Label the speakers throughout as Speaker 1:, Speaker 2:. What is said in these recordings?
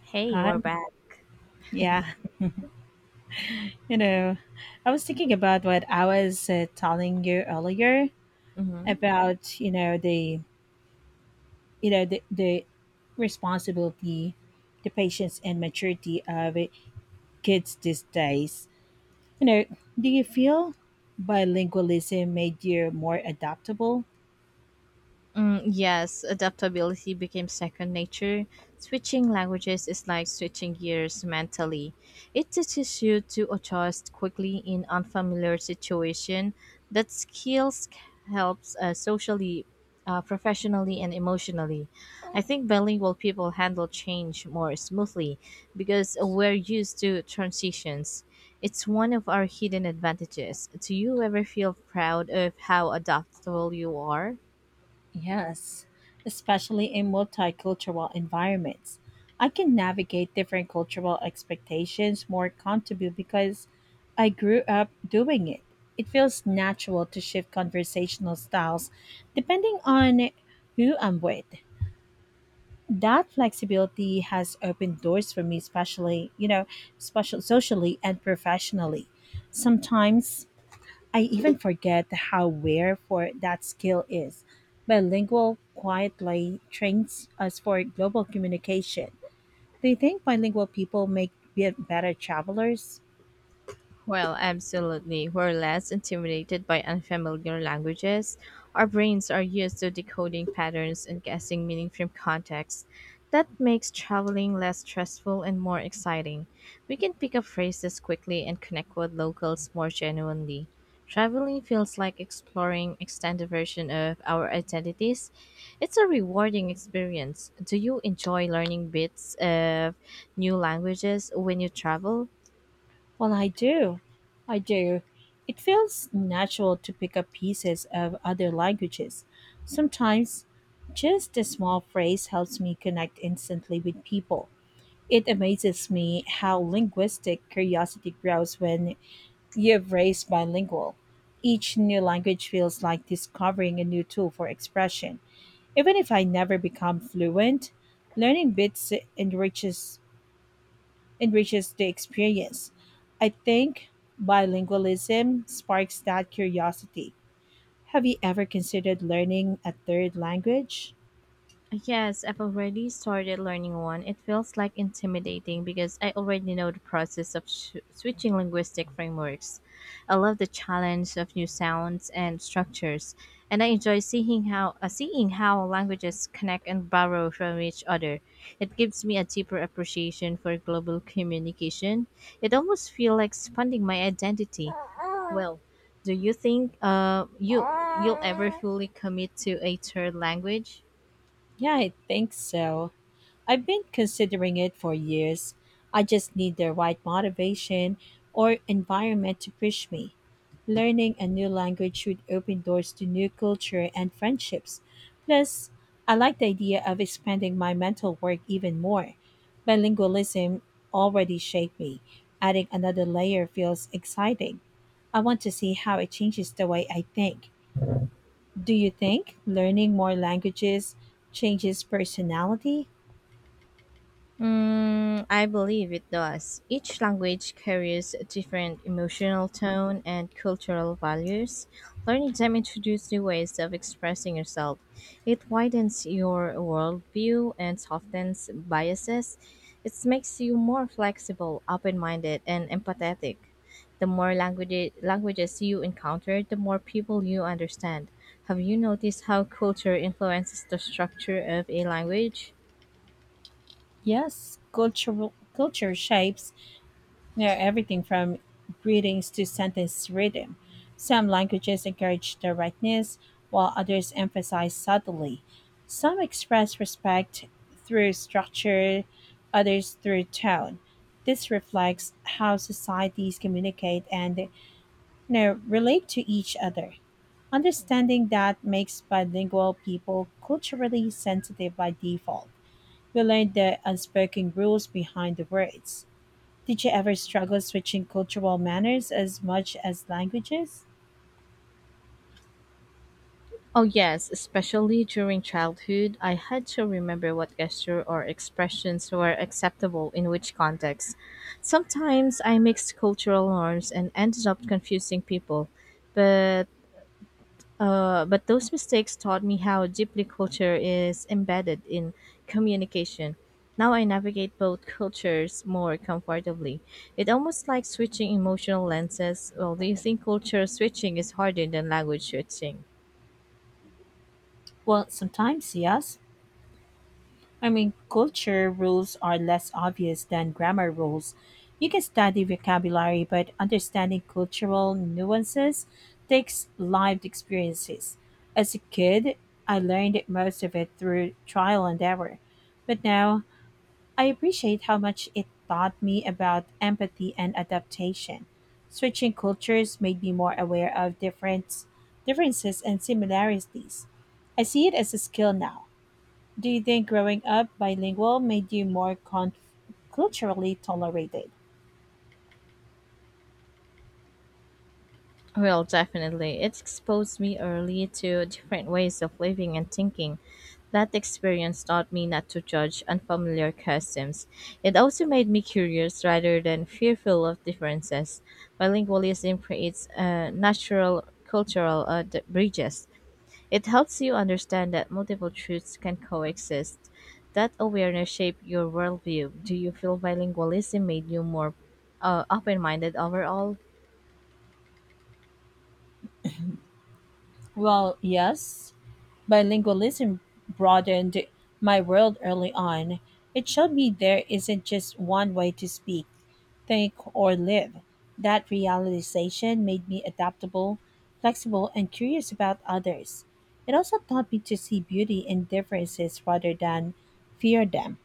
Speaker 1: Hey,
Speaker 2: Hi.
Speaker 1: we're back.
Speaker 2: Yeah. You know, I was thinking about what I was telling you earlier
Speaker 1: hmm
Speaker 2: about, the the responsibility, the patience and maturity of kids these days. You know, do you feel bilingualism made you more adaptable?
Speaker 1: Mm, yes, adaptability became second nature. Switching languages is like switching gears mentally. It teaches you to adjust quickly in unfamiliar situation. That skills helps socially, professionally, and emotionally. I think bilingual people handle change more smoothly because we're used to transitions. It's one of our hidden advantages. Do you ever feel proud of how adaptable you are?
Speaker 2: Yes, especially in multicultural environments. I can navigate different cultural expectations more comfortably because I grew up doing it. It feels natural to shift conversational styles depending on who I'm with. That flexibility has opened doors for me, especially, special socially and professionally. Sometimes I even forget how rare for that skill is. Bilingual quietly trains us for global communication. Do you think bilingual people better travelers?
Speaker 1: Well, absolutely. We're less intimidated by unfamiliar languages. Our brains are used to decoding patterns and guessing meaning from context. That makes traveling less stressful and more exciting. We can pick up phrases quickly and connect with locals more genuinely. Traveling feels like exploring extended version of our identities. It's a rewarding experience. Do you enjoy learning bits of new languages when you travel?
Speaker 2: Well, I do. I do. It feels natural to pick up pieces of other languages. Sometimes just a small phrase helps me connect instantly with people. It amazes me how linguistic curiosity grows when you've raised bilingual. Each new language feels like discovering a new tool for expression. Even if I never become fluent, learning bits enriches the experience. I think bilingualism sparks that curiosity. Have you ever considered learning a third language?
Speaker 1: Yes, I've already started learning one. It feels like intimidating because I already know the process of switching linguistic frameworks. I love the challenge of new sounds and structures, and I enjoy seeing how languages connect and borrow from each other. It gives me a deeper appreciation for global communication. It almost feels like expanding my identity. Well, do you think you'll ever fully commit to a third language?
Speaker 2: Yeah, I think so. I've been considering it for years. I just need the right motivation or environment to push me. Learning a new language should open doors to new culture and friendships. Plus, I like the idea of expanding my mental work even more. Bilingualism already shaped me. Adding another layer feels exciting. I want to see how it changes the way I think. Do you think learning more languages changes personality?
Speaker 1: Mm, I believe it does. Each language carries a different emotional tone and cultural values. Learning them introduces new ways of expressing yourself. It widens your worldview and softens biases. It makes you more flexible, open minded, and empathetic. The more languages you encounter, the more people you understand. Have you noticed how culture influences the structure of a language?
Speaker 2: Yes, cultural culture shapes near everything from greetings to sentence rhythm. Some languages encourage directness, while others emphasize subtlety. Some express respect through structure, others through tone. This reflects how societies communicate and relate to each other. Understanding that makes bilingual people culturally sensitive by default. We learned the unspoken rules behind the words. Did you ever struggle switching cultural manners as much as languages?
Speaker 1: Oh, yes, especially during childhood, I had to remember what gesture or expressions were acceptable in which context. Sometimes I mixed cultural norms and ended up confusing people, but but those mistakes taught me how deeply culture is embedded in communication. Now I navigate both cultures more comfortably. It almost like switching emotional lenses. Well, do you think culture switching is harder than language switching?
Speaker 2: Well, sometimes, yes. I mean, culture rules are less obvious than grammar rules. You can study vocabulary, but understanding cultural nuances takes lived experiences. As a kid, I learned most of it through trial and error. But now I appreciate how much it taught me about empathy and adaptation. Switching cultures made me more aware of differences and similarities. I see it as a skill now. Do you think growing up bilingual made you culturally tolerated?
Speaker 1: Well, definitely. It exposed me early to different ways of living and thinking. That experience taught me not to judge unfamiliar customs. It also made me curious rather than fearful of differences. Bilingualism creates natural cultural bridges. It helps you understand that multiple truths can coexist. That awareness shaped your worldview. Do you feel bilingualism made you more open minded overall?
Speaker 2: Well, yes, bilingualism broadened my world early on. It showed me there isn't just one way to speak, think, or live. That realization made me adaptable, flexible, and curious about others. It also taught me to see beauty in differences rather than fear them.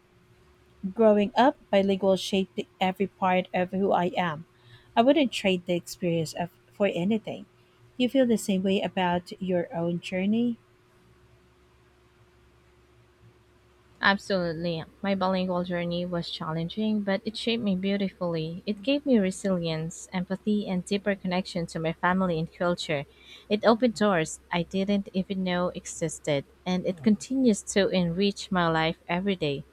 Speaker 2: Growing up, bilingual shaped every part of who I am. I wouldn't trade the experience of, for anything. Do you feel the same way about your own journey?
Speaker 1: Absolutely. My bilingual journey was challenging, but it shaped me beautifully. It gave me resilience, empathy, and deeper connection to my family and culture. It opened doors I didn't even know existed, and it continues to enrich my life every day.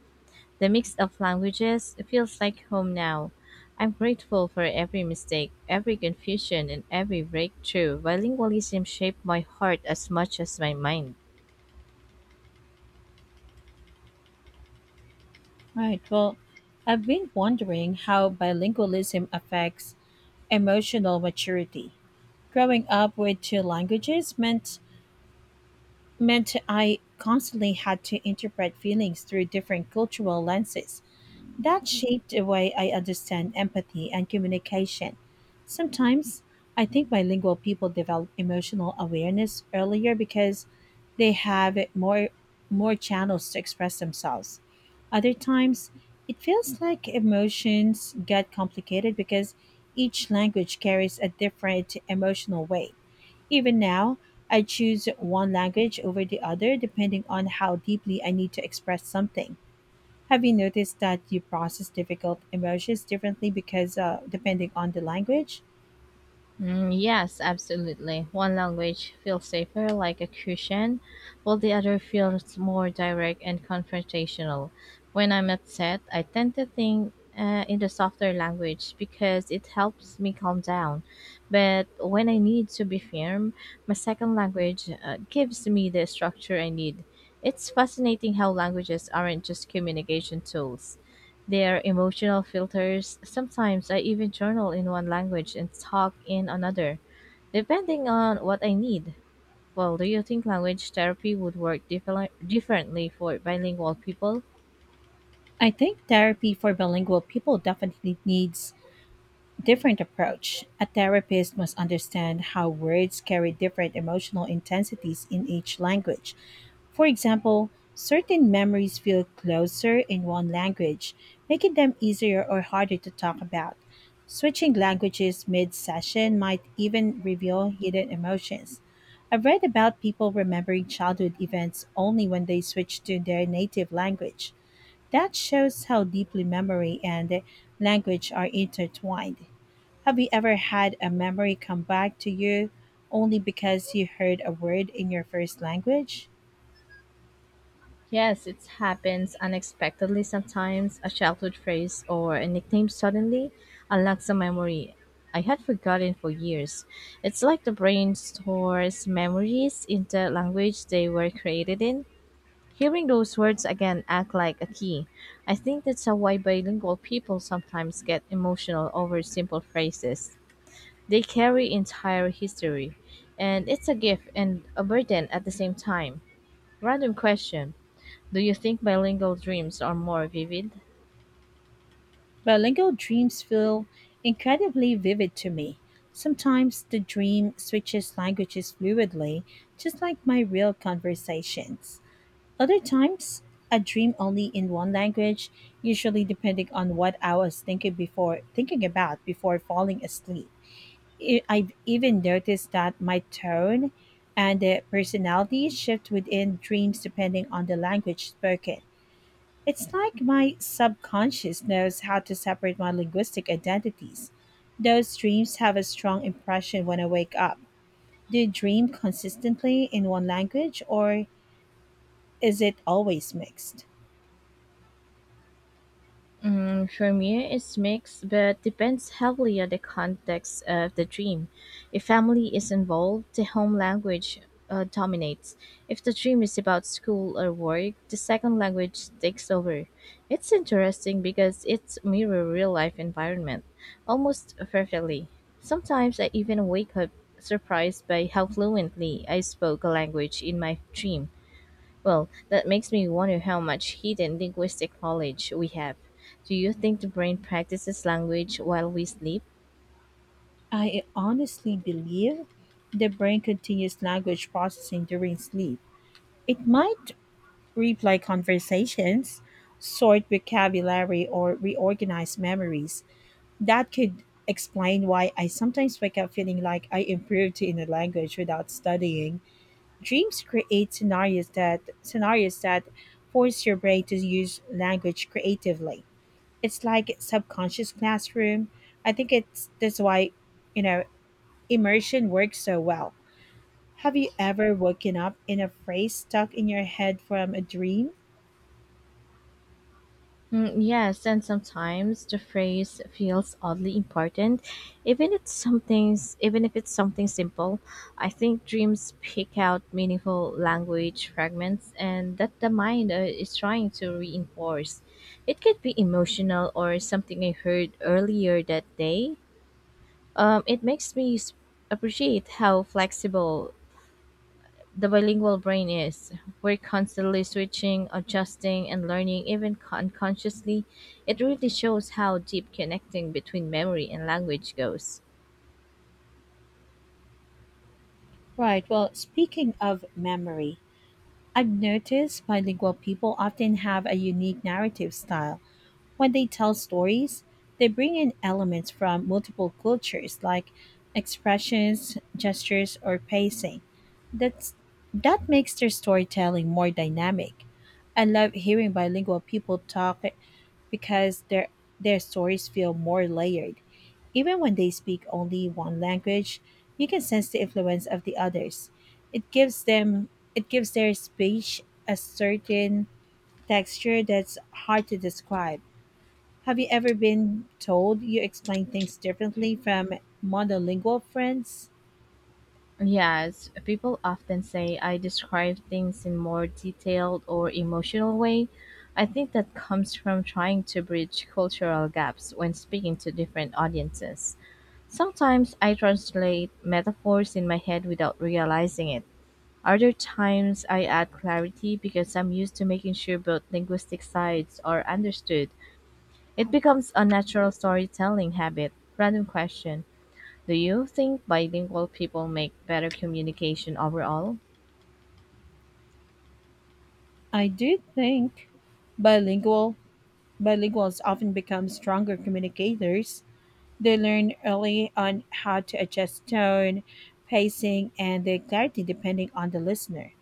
Speaker 1: The mix of languages feels like home now. I'm grateful for every mistake, every confusion, and every breakthrough. Bilingualism shaped my heart as much as my mind.
Speaker 2: Right. Well, I've been wondering how bilingualism affects emotional maturity. Growing up with two languages meant I constantly had to interpret feelings through different cultural lenses. That shaped the way I understand empathy and communication. Sometimes I think bilingual people develop emotional awareness earlier because they have more channels to express themselves. Other times it feels like emotions get complicated because each language carries a different emotional weight. Even now, I choose one language over the other depending on how deeply I need to express something. Have you noticed that you process difficult emotions differently because depending on the language?
Speaker 1: Mm, yes, absolutely. One language feels safer, like a cushion, while the other feels more direct and confrontational. When I'm upset, I tend to think in the softer language because it helps me calm down. But when I need to be firm, my second language gives me the structure I need. It's fascinating how languages aren't just communication tools. Their emotional filters. Sometimes I even journal in one language and talk in another, depending on what I need. Well, do you think language therapy would work differently for bilingual people?
Speaker 2: I think therapy for bilingual people definitely needs different approach. A therapist must understand how words carry different emotional intensities in each language. For example, certain memories feel closer in one language, making them easier or harder to talk about. Switching languages mid session might even reveal hidden emotions. I've read about people remembering childhood events only when they switch to their native language. That shows how deeply memory and language are intertwined. Have you ever had a memory come back to you only because you heard a word in your first language?
Speaker 1: Yes, it happens unexpectedly sometimes. A childhood phrase or a nickname suddenly unlocks a memory I had forgotten for years. It's like the brain stores memories in the language they were created in. Hearing those words again act like a key. I think that's how why bilingual people sometimes get emotional over simple phrases. They carry entire history, and it's a gift and a burden at the same time. Random question. Do you think bilingual dreams are more vivid?
Speaker 2: Bilingual dreams feel incredibly vivid to me. Sometimes the dream switches languages fluidly, just like my real conversations. Other times, a dream only in one language, usually depending on what I was thinking about before falling asleep. I've even noticed that my tone and personality shift within dreams depending on the language spoken. It's like my subconscious knows how to separate my linguistic identities. Those dreams have a strong impression when I wake up. Do you dream consistently in one language or is it always mixed?
Speaker 1: Mm, for me, it's mixed, but depends heavily on the context of the dream. If family is involved, the home language dominates. If the dream is about school or work, the second language takes over. It's interesting because it's mirror real life environment almost perfectly. Sometimes I even wake up surprised by how fluently I spoke a language in my dream. Well, that makes me wonder how much hidden linguistic knowledge we have. Do you think the brain practices language while we sleep?
Speaker 2: I honestly believe the brain continues language processing during sleep. It might replay conversations, sort vocabulary, or reorganize memories. That could explain why I sometimes wake up feeling like I improved in a language without studying. Dreams create scenarios that force your brain to use language creatively. It's like subconscious classroom. I think it's that's why, you know, immersion works so well. Have you ever woken up in a phrase stuck in your head from a dream?
Speaker 1: Mm, yes, and sometimes the phrase feels oddly important, even if it's something simple. I think dreams pick out meaningful language fragments, and that the mind is trying to reinforce. It could be emotional or something I heard earlier that day. It makes me appreciate how flexible the bilingual brain is. We're constantly switching, adjusting, and learning, even unconsciously. It really shows how deep connecting between memory and language goes.
Speaker 2: Right. Well, speaking of memory, I've noticed bilingual people often have a unique narrative style. When they tell stories, they bring in elements from multiple cultures like expressions, gestures, or pacing. That's that makes their storytelling more dynamic. I love hearing bilingual people talk because their stories feel more layered. Even when they speak only one language, you can sense the influence of the others. It gives them it gives their speech a certain texture that's hard to describe. Have you ever been told you explain things differently from monolingual friends?
Speaker 1: Yes, people often say I describe things in more detailed or emotional way. I think that comes from trying to bridge cultural gaps when speaking to different audiences. Sometimes I translate metaphors in my head without realizing it. Other times I add clarity because I'm used to making sure both linguistic sides are understood. It becomes a natural storytelling habit. Random question. Do you think bilingual people make better communication overall?
Speaker 2: I do think bilingual bilinguals often become stronger communicators. They learn early on how to adjust tone, pacing, and their clarity depending on the listener.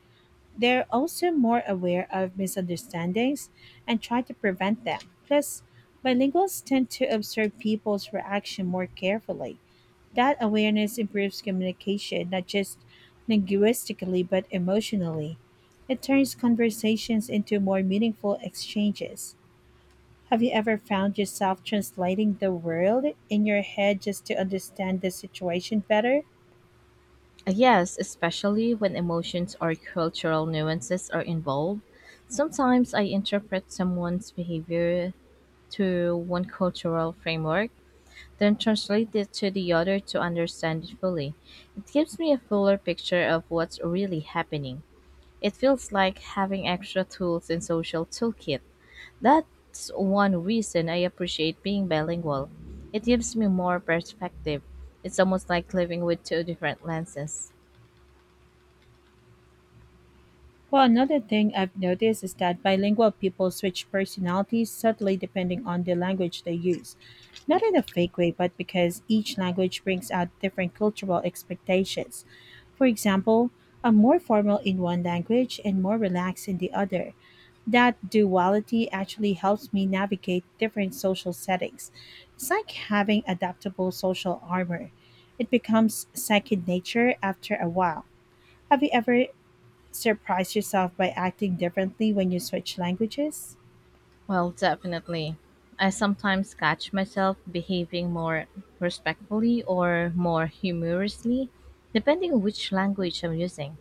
Speaker 2: They're also more aware of misunderstandings and try to prevent them. Plus, bilinguals tend to observe people's reaction more carefully. That awareness improves communication, not just linguistically, but emotionally. It turns conversations into more meaningful exchanges. Have you ever found yourself translating the world in your head just to understand the situation better?
Speaker 1: Yes, especially when emotions or cultural nuances are involved. Sometimes I interpret someone's behavior through one cultural framework then translate it to the other to understand it fully. It gives me a fuller picture of what's really happening. It feels like having extra tools in social toolkit. That's one reason I appreciate being bilingual. It gives me more perspective. It's almost like living with two different lenses.
Speaker 2: Well, another thing I've noticed is that bilingual people switch personalities subtly depending on the language they use. Not in a fake way, but because each language brings out different cultural expectations. For example, I'm more formal in one language and more relaxed in the other. That duality actually helps me navigate different social settings. It's like having adaptable social armor. It becomes second nature after a while. Have you ever surprised yourself by acting differently when you switch languages?
Speaker 1: Well, definitely. I sometimes catch myself behaving more respectfully or more humorously, depending on which language I'm using.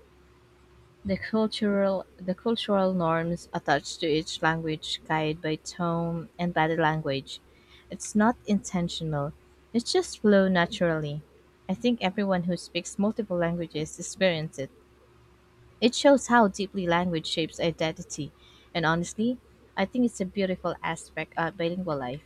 Speaker 1: The cultural norms attached to each language guided by tone and body language. It's not intentional. It just flows naturally. I think everyone who speaks multiple languages experiences it. It shows how deeply language shapes identity. And honestly, I think it's a beautiful aspect of bilingual life.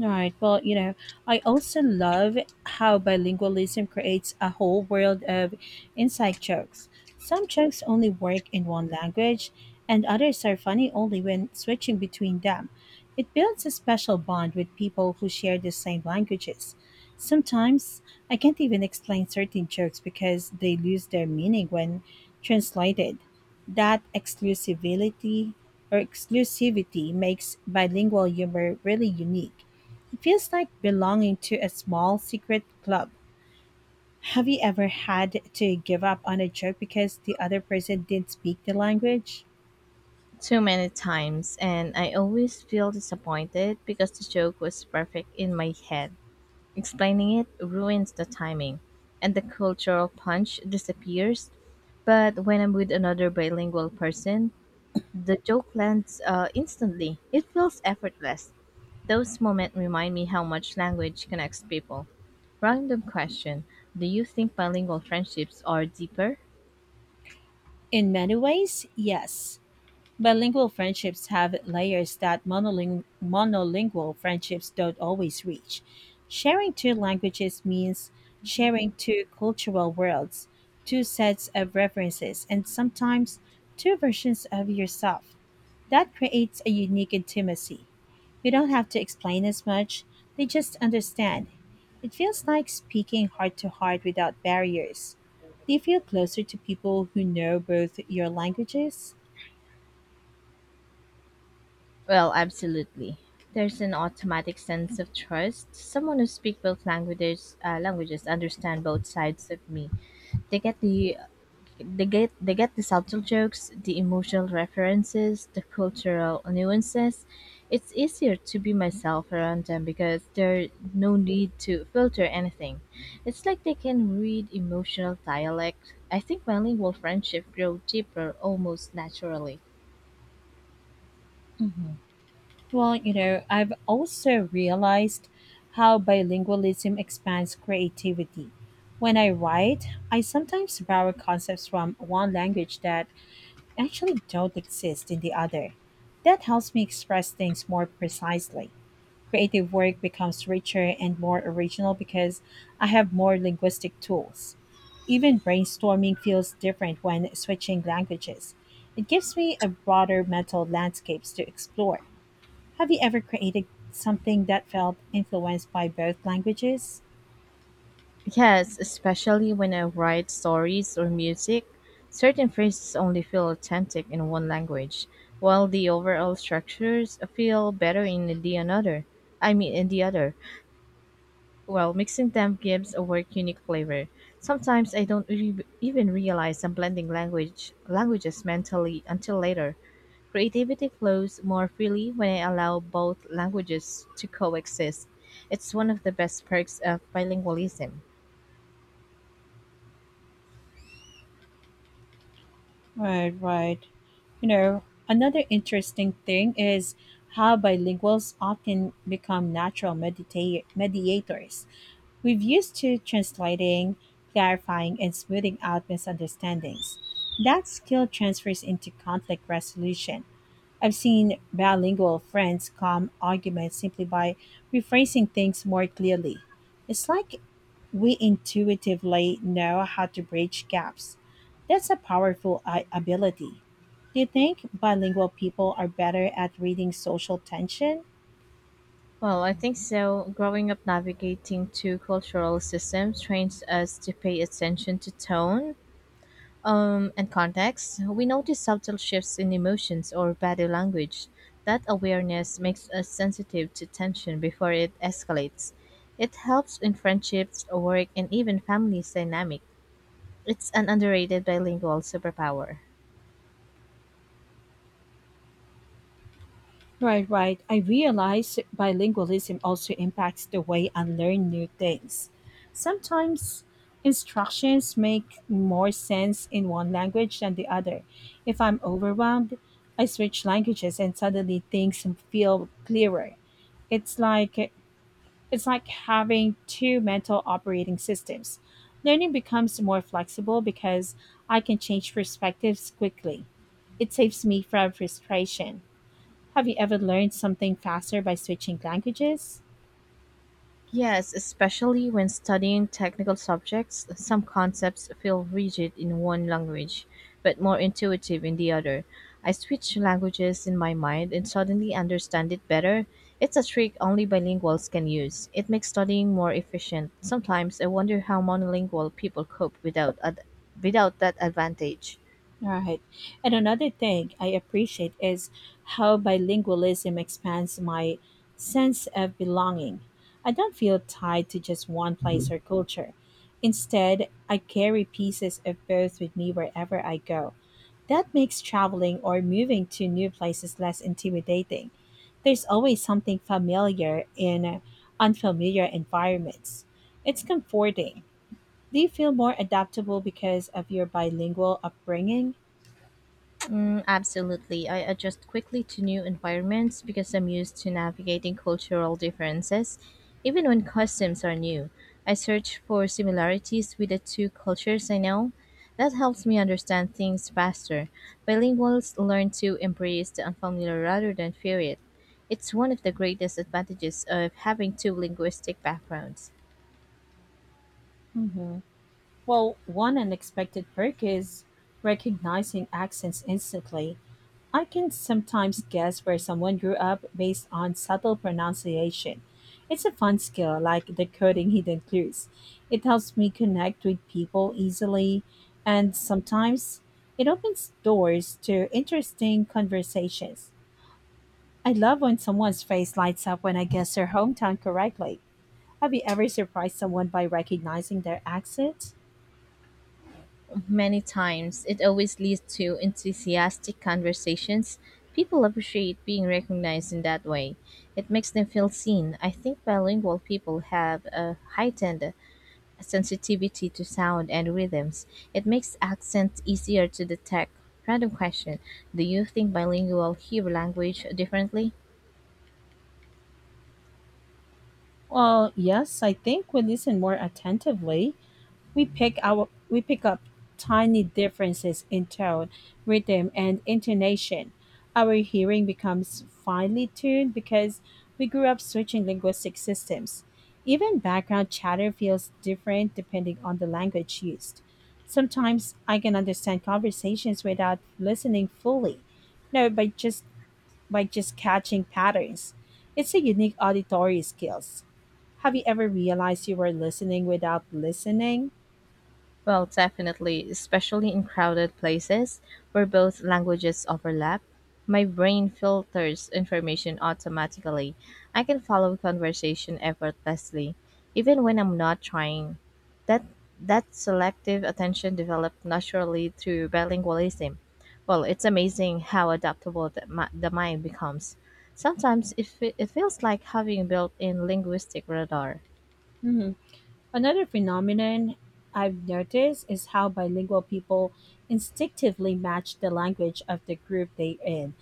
Speaker 2: Right. Well, I also love how bilingualism creates a whole world of inside jokes. Some jokes only work in one language, and others are funny only when switching between them. It builds a special bond with people who share the same languages. Sometimes I can't even explain certain jokes because they lose their meaning when translated. That exclusivity or exclusivity makes bilingual humor really unique feels like belonging to a small secret club. Have you ever had to give up on a joke because the other person didn't speak the language?
Speaker 1: Too many times, and I always feel disappointed because the joke was perfect in my head. Explaining it ruins the timing, and the cultural punch disappears. But when I'm with another bilingual person, the joke lands instantly. It feels effortless. Those moments remind me how much language connects people. Random question. Do you think bilingual friendships are deeper?
Speaker 2: In many ways, yes. Bilingual friendships have layers that monolingual friendships don't always reach. Sharing two languages means sharing two cultural worlds, two sets of references, and sometimes two versions of yourself. That creates a unique intimacy. You don't have to explain as much, they just understand. It feels like speaking heart to heart without barriers. Do you feel closer to people who know both your languages?
Speaker 1: Well, absolutely. There's an automatic sense of trust. Someone who speaks both languages, understand both sides of me. They get the they get the subtle jokes, the emotional references, the cultural nuances. It's easier to be myself around them because there's no need to filter anything. It's like they can read emotional dialect. I think bilingual friendship grow deeper almost naturally.
Speaker 2: Well, I've also realized how bilingualism expands creativity. When I write, I sometimes borrow concepts from one language that actually don't exist in the other. That helps me express things more precisely. Creative work becomes richer and more original because I have more linguistic tools. Even brainstorming feels different when switching languages. It gives me a broader mental landscapes to explore. Have you ever created something that felt influenced by both languages?
Speaker 1: Yes, especially when I write stories or music, certain phrases only feel authentic in one language, while the overall structures feel better in the another. I mean, in the other. Well, mixing them gives a work unique flavor. Sometimes I don't even realize I'm blending languages mentally until later. Creativity flows more freely when I allow both languages to coexist. It's one of the best perks of bilingualism.
Speaker 2: Right, right. You know, another interesting thing is how bilinguals often become natural mediators. We've used to translating, clarifying, and smoothing out misunderstandings. That skill transfers into conflict resolution. I've seen bilingual friends calm arguments simply by rephrasing things more clearly. It's like we intuitively know how to bridge gaps. That's a powerful ability. Do you think bilingual people are better at reading social tension?
Speaker 1: Well, I think so. Growing up navigating two cultural systems trains us to pay attention to tone and context. We notice subtle shifts in emotions or body language. That awareness makes us sensitive to tension before it escalates. It helps in friendships, work, and even family's dynamic. It's an underrated bilingual superpower.
Speaker 2: Right, right. I realize bilingualism also impacts the way I learn new things. Sometimes instructions make more sense in one language than the other. If I'm overwhelmed, I switch languages and suddenly things feel clearer. It's like It's like having two mental operating systems. Learning becomes more flexible because I can change perspectives quickly. It saves me from frustration. Have you ever learned something faster by switching languages?
Speaker 1: Yes, especially when studying technical subjects, some concepts feel rigid in one language, but more intuitive in the other. I switch languages in my mind and suddenly understand it better. It's a trick only bilinguals can use. It makes studying more efficient. Sometimes I wonder how monolingual people cope without without that advantage.
Speaker 2: Right. And another thing I appreciate is how bilingualism expands my sense of belonging. I don't feel tied to just one place or culture. Instead, I carry pieces of both with me wherever I go. That makes traveling or moving to new places less intimidating. There's always something familiar in unfamiliar environments. It's comforting. Do you feel more adaptable because of your bilingual upbringing?
Speaker 1: Mm, absolutely. I adjust quickly to new environments because I'm used to navigating cultural differences. Even when customs are new, I search for similarities with the two cultures I know. That helps me understand things faster. Bilinguals learn to embrace the unfamiliar rather than fear it. It's one of the greatest advantages of having two linguistic backgrounds.
Speaker 2: Hmm. Well, one unexpected perk is recognizing accents instantly. I can sometimes guess where someone grew up based on subtle pronunciation. It's a fun skill, like decoding hidden clues. It helps me connect with people easily, and sometimes it opens doors to interesting conversations. I love when someone's face lights up when I guess their hometown correctly. Have you ever surprised someone by recognizing their accent?
Speaker 1: Many times. It always leads to enthusiastic conversations. People appreciate being recognized in that way. It makes them feel seen. I think bilingual people have a heightened sensitivity to sound and rhythms. It makes accents easier to detect. Random question. Do you think bilingual hear language differently?
Speaker 2: Well, yes, I think we listen more attentively. We pick up tiny differences in tone, rhythm, and intonation. Our hearing becomes finely tuned because we grew up switching linguistic systems. Even background chatter feels different depending on the language used. Sometimes I can understand conversations without listening fully, no, by just catching patterns. It's a unique auditory skills. Have you ever realized you were listening without listening?
Speaker 1: Well, definitely, especially in crowded places where both languages overlap. My brain filters information automatically. I can follow conversation effortlessly, even when I'm not trying. That that selective attention developed naturally through bilingualism. Well, it's amazing how adaptable the mind becomes. Sometimes it feels like having built in linguistic radar.
Speaker 2: Hmm. Another phenomenon I've noticed is how bilingual people instinctively match the language of the group they're in.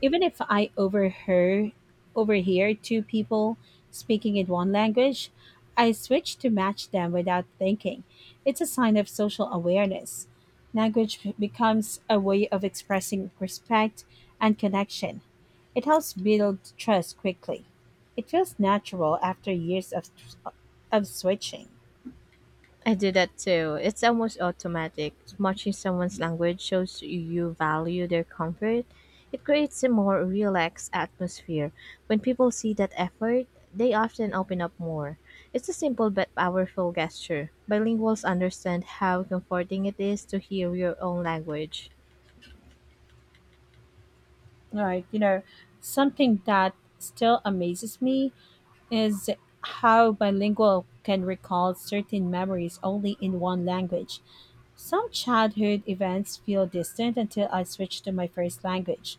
Speaker 2: Even if I overhear two people speaking in one language, I switch to match them without thinking. It's a sign of social awareness. Language becomes a way of expressing respect and connection. It helps build trust quickly. It feels natural after years of switching.
Speaker 1: I do that too. It's almost automatic. Watching someone's language shows you value their comfort. It creates a more relaxed atmosphere. When people see that effort, they often open up more. It's a simple but powerful gesture. Bilinguals understand how comforting it is to hear your own language.
Speaker 2: Right. You know, something that still amazes me is how bilingual can recall certain memories only in one language. Some childhood events feel distant until I switch to my first language.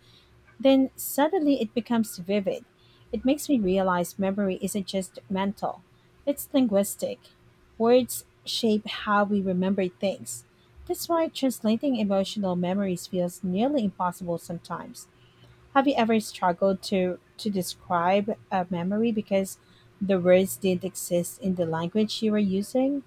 Speaker 2: Then suddenly it becomes vivid. It makes me realize memory isn't just mental, it's linguistic. Words shape how we remember things. That's why translating emotional memories feels nearly impossible sometimes. Have you ever struggled to describe a memory because the words didn't exist in the language you were using?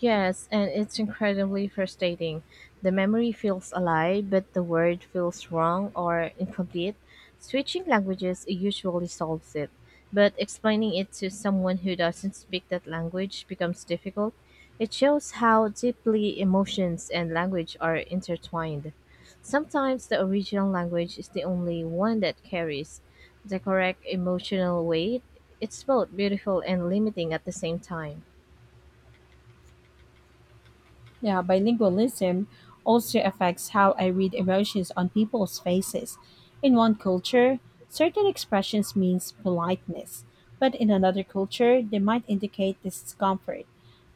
Speaker 1: Yes, and it's incredibly frustrating. The memory feels alive, but the word feels wrong or incomplete. Switching languages usually solves it, but explaining it to someone who doesn't speak that language becomes difficult. It shows how deeply emotions and language are intertwined. Sometimes the original language is the only one that carries the correct emotional weight. It's both beautiful and limiting at the same time.
Speaker 2: Yeah, bilingualism also affects how I read emotions on people's faces. In one culture, certain expressions means politeness, but in another culture, they might indicate discomfort.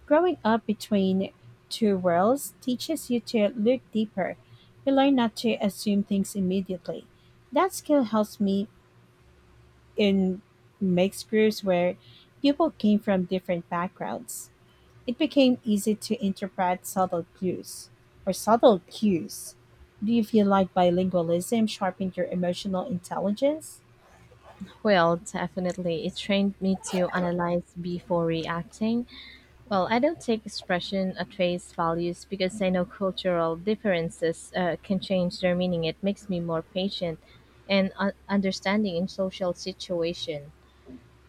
Speaker 2: Growing up between two worlds teaches you to look deeper. You learn not to assume things immediately. That skill helps me in mixed groups where people came from different backgrounds. It became easy to interpret subtle clues or subtle cues. Do you feel like bilingualism sharpened your emotional intelligence?
Speaker 1: Well, definitely. It trained me to analyze before reacting. Well, I don't take expression at face values because I know cultural differences can change their meaning. It makes me more patient and understanding in social situation.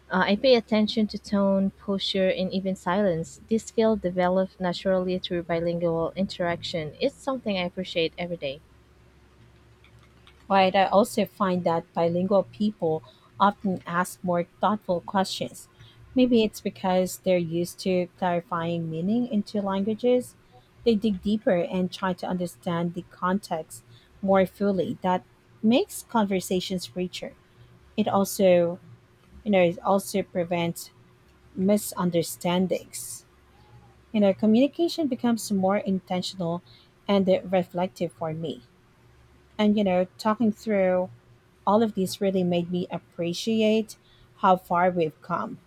Speaker 1: I pay attention to tone, posture, and even silence. This skill developed naturally through bilingual interaction. It's something I appreciate every day.
Speaker 2: Right, I also find that bilingual people often ask more thoughtful questions. Maybe it's because they're used to clarifying meaning into languages. They dig deeper and try to understand the context more fully. That makes conversations richer. It also, you know, it also prevents misunderstandings. You know, communication becomes more intentional and reflective for me. And you know, talking through all of these really made me appreciate how far we've come.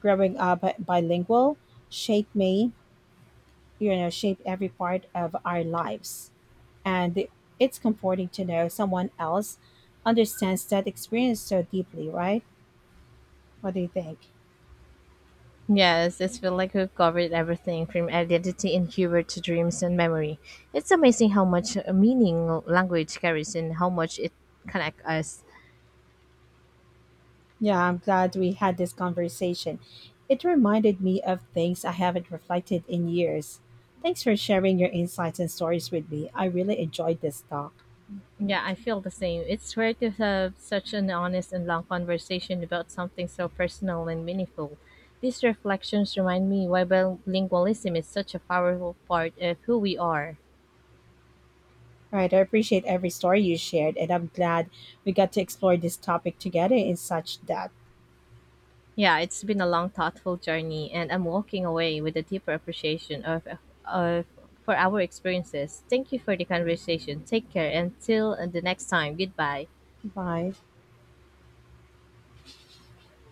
Speaker 2: Growing up bilingual shaped me, you know, shaped every part of our lives. And it's comforting to know someone else understands that experience so deeply, right? What do you think?
Speaker 1: Yes, it feels like we've covered everything from identity and humor to dreams and memory. It's amazing how much meaning language carries and how much it connects us.
Speaker 2: Yeah, I'm glad we had this conversation. It reminded me of things I haven't reflected in years. Thanks for sharing your insights and stories with me. I really enjoyed this talk.
Speaker 1: Yeah, I feel the same. It's rare to have such an honest and long conversation about something so personal and meaningful. These reflections remind me why bilingualism is such a powerful part of who we are.
Speaker 2: Right. I appreciate every story you shared, and I'm glad we got to explore this topic together in such depth.
Speaker 1: Yeah, it's been a long, thoughtful journey, and I'm walking away with a deeper appreciation of for our experiences. Thank you for the conversation. Take care. Until the next time, goodbye.
Speaker 2: Bye.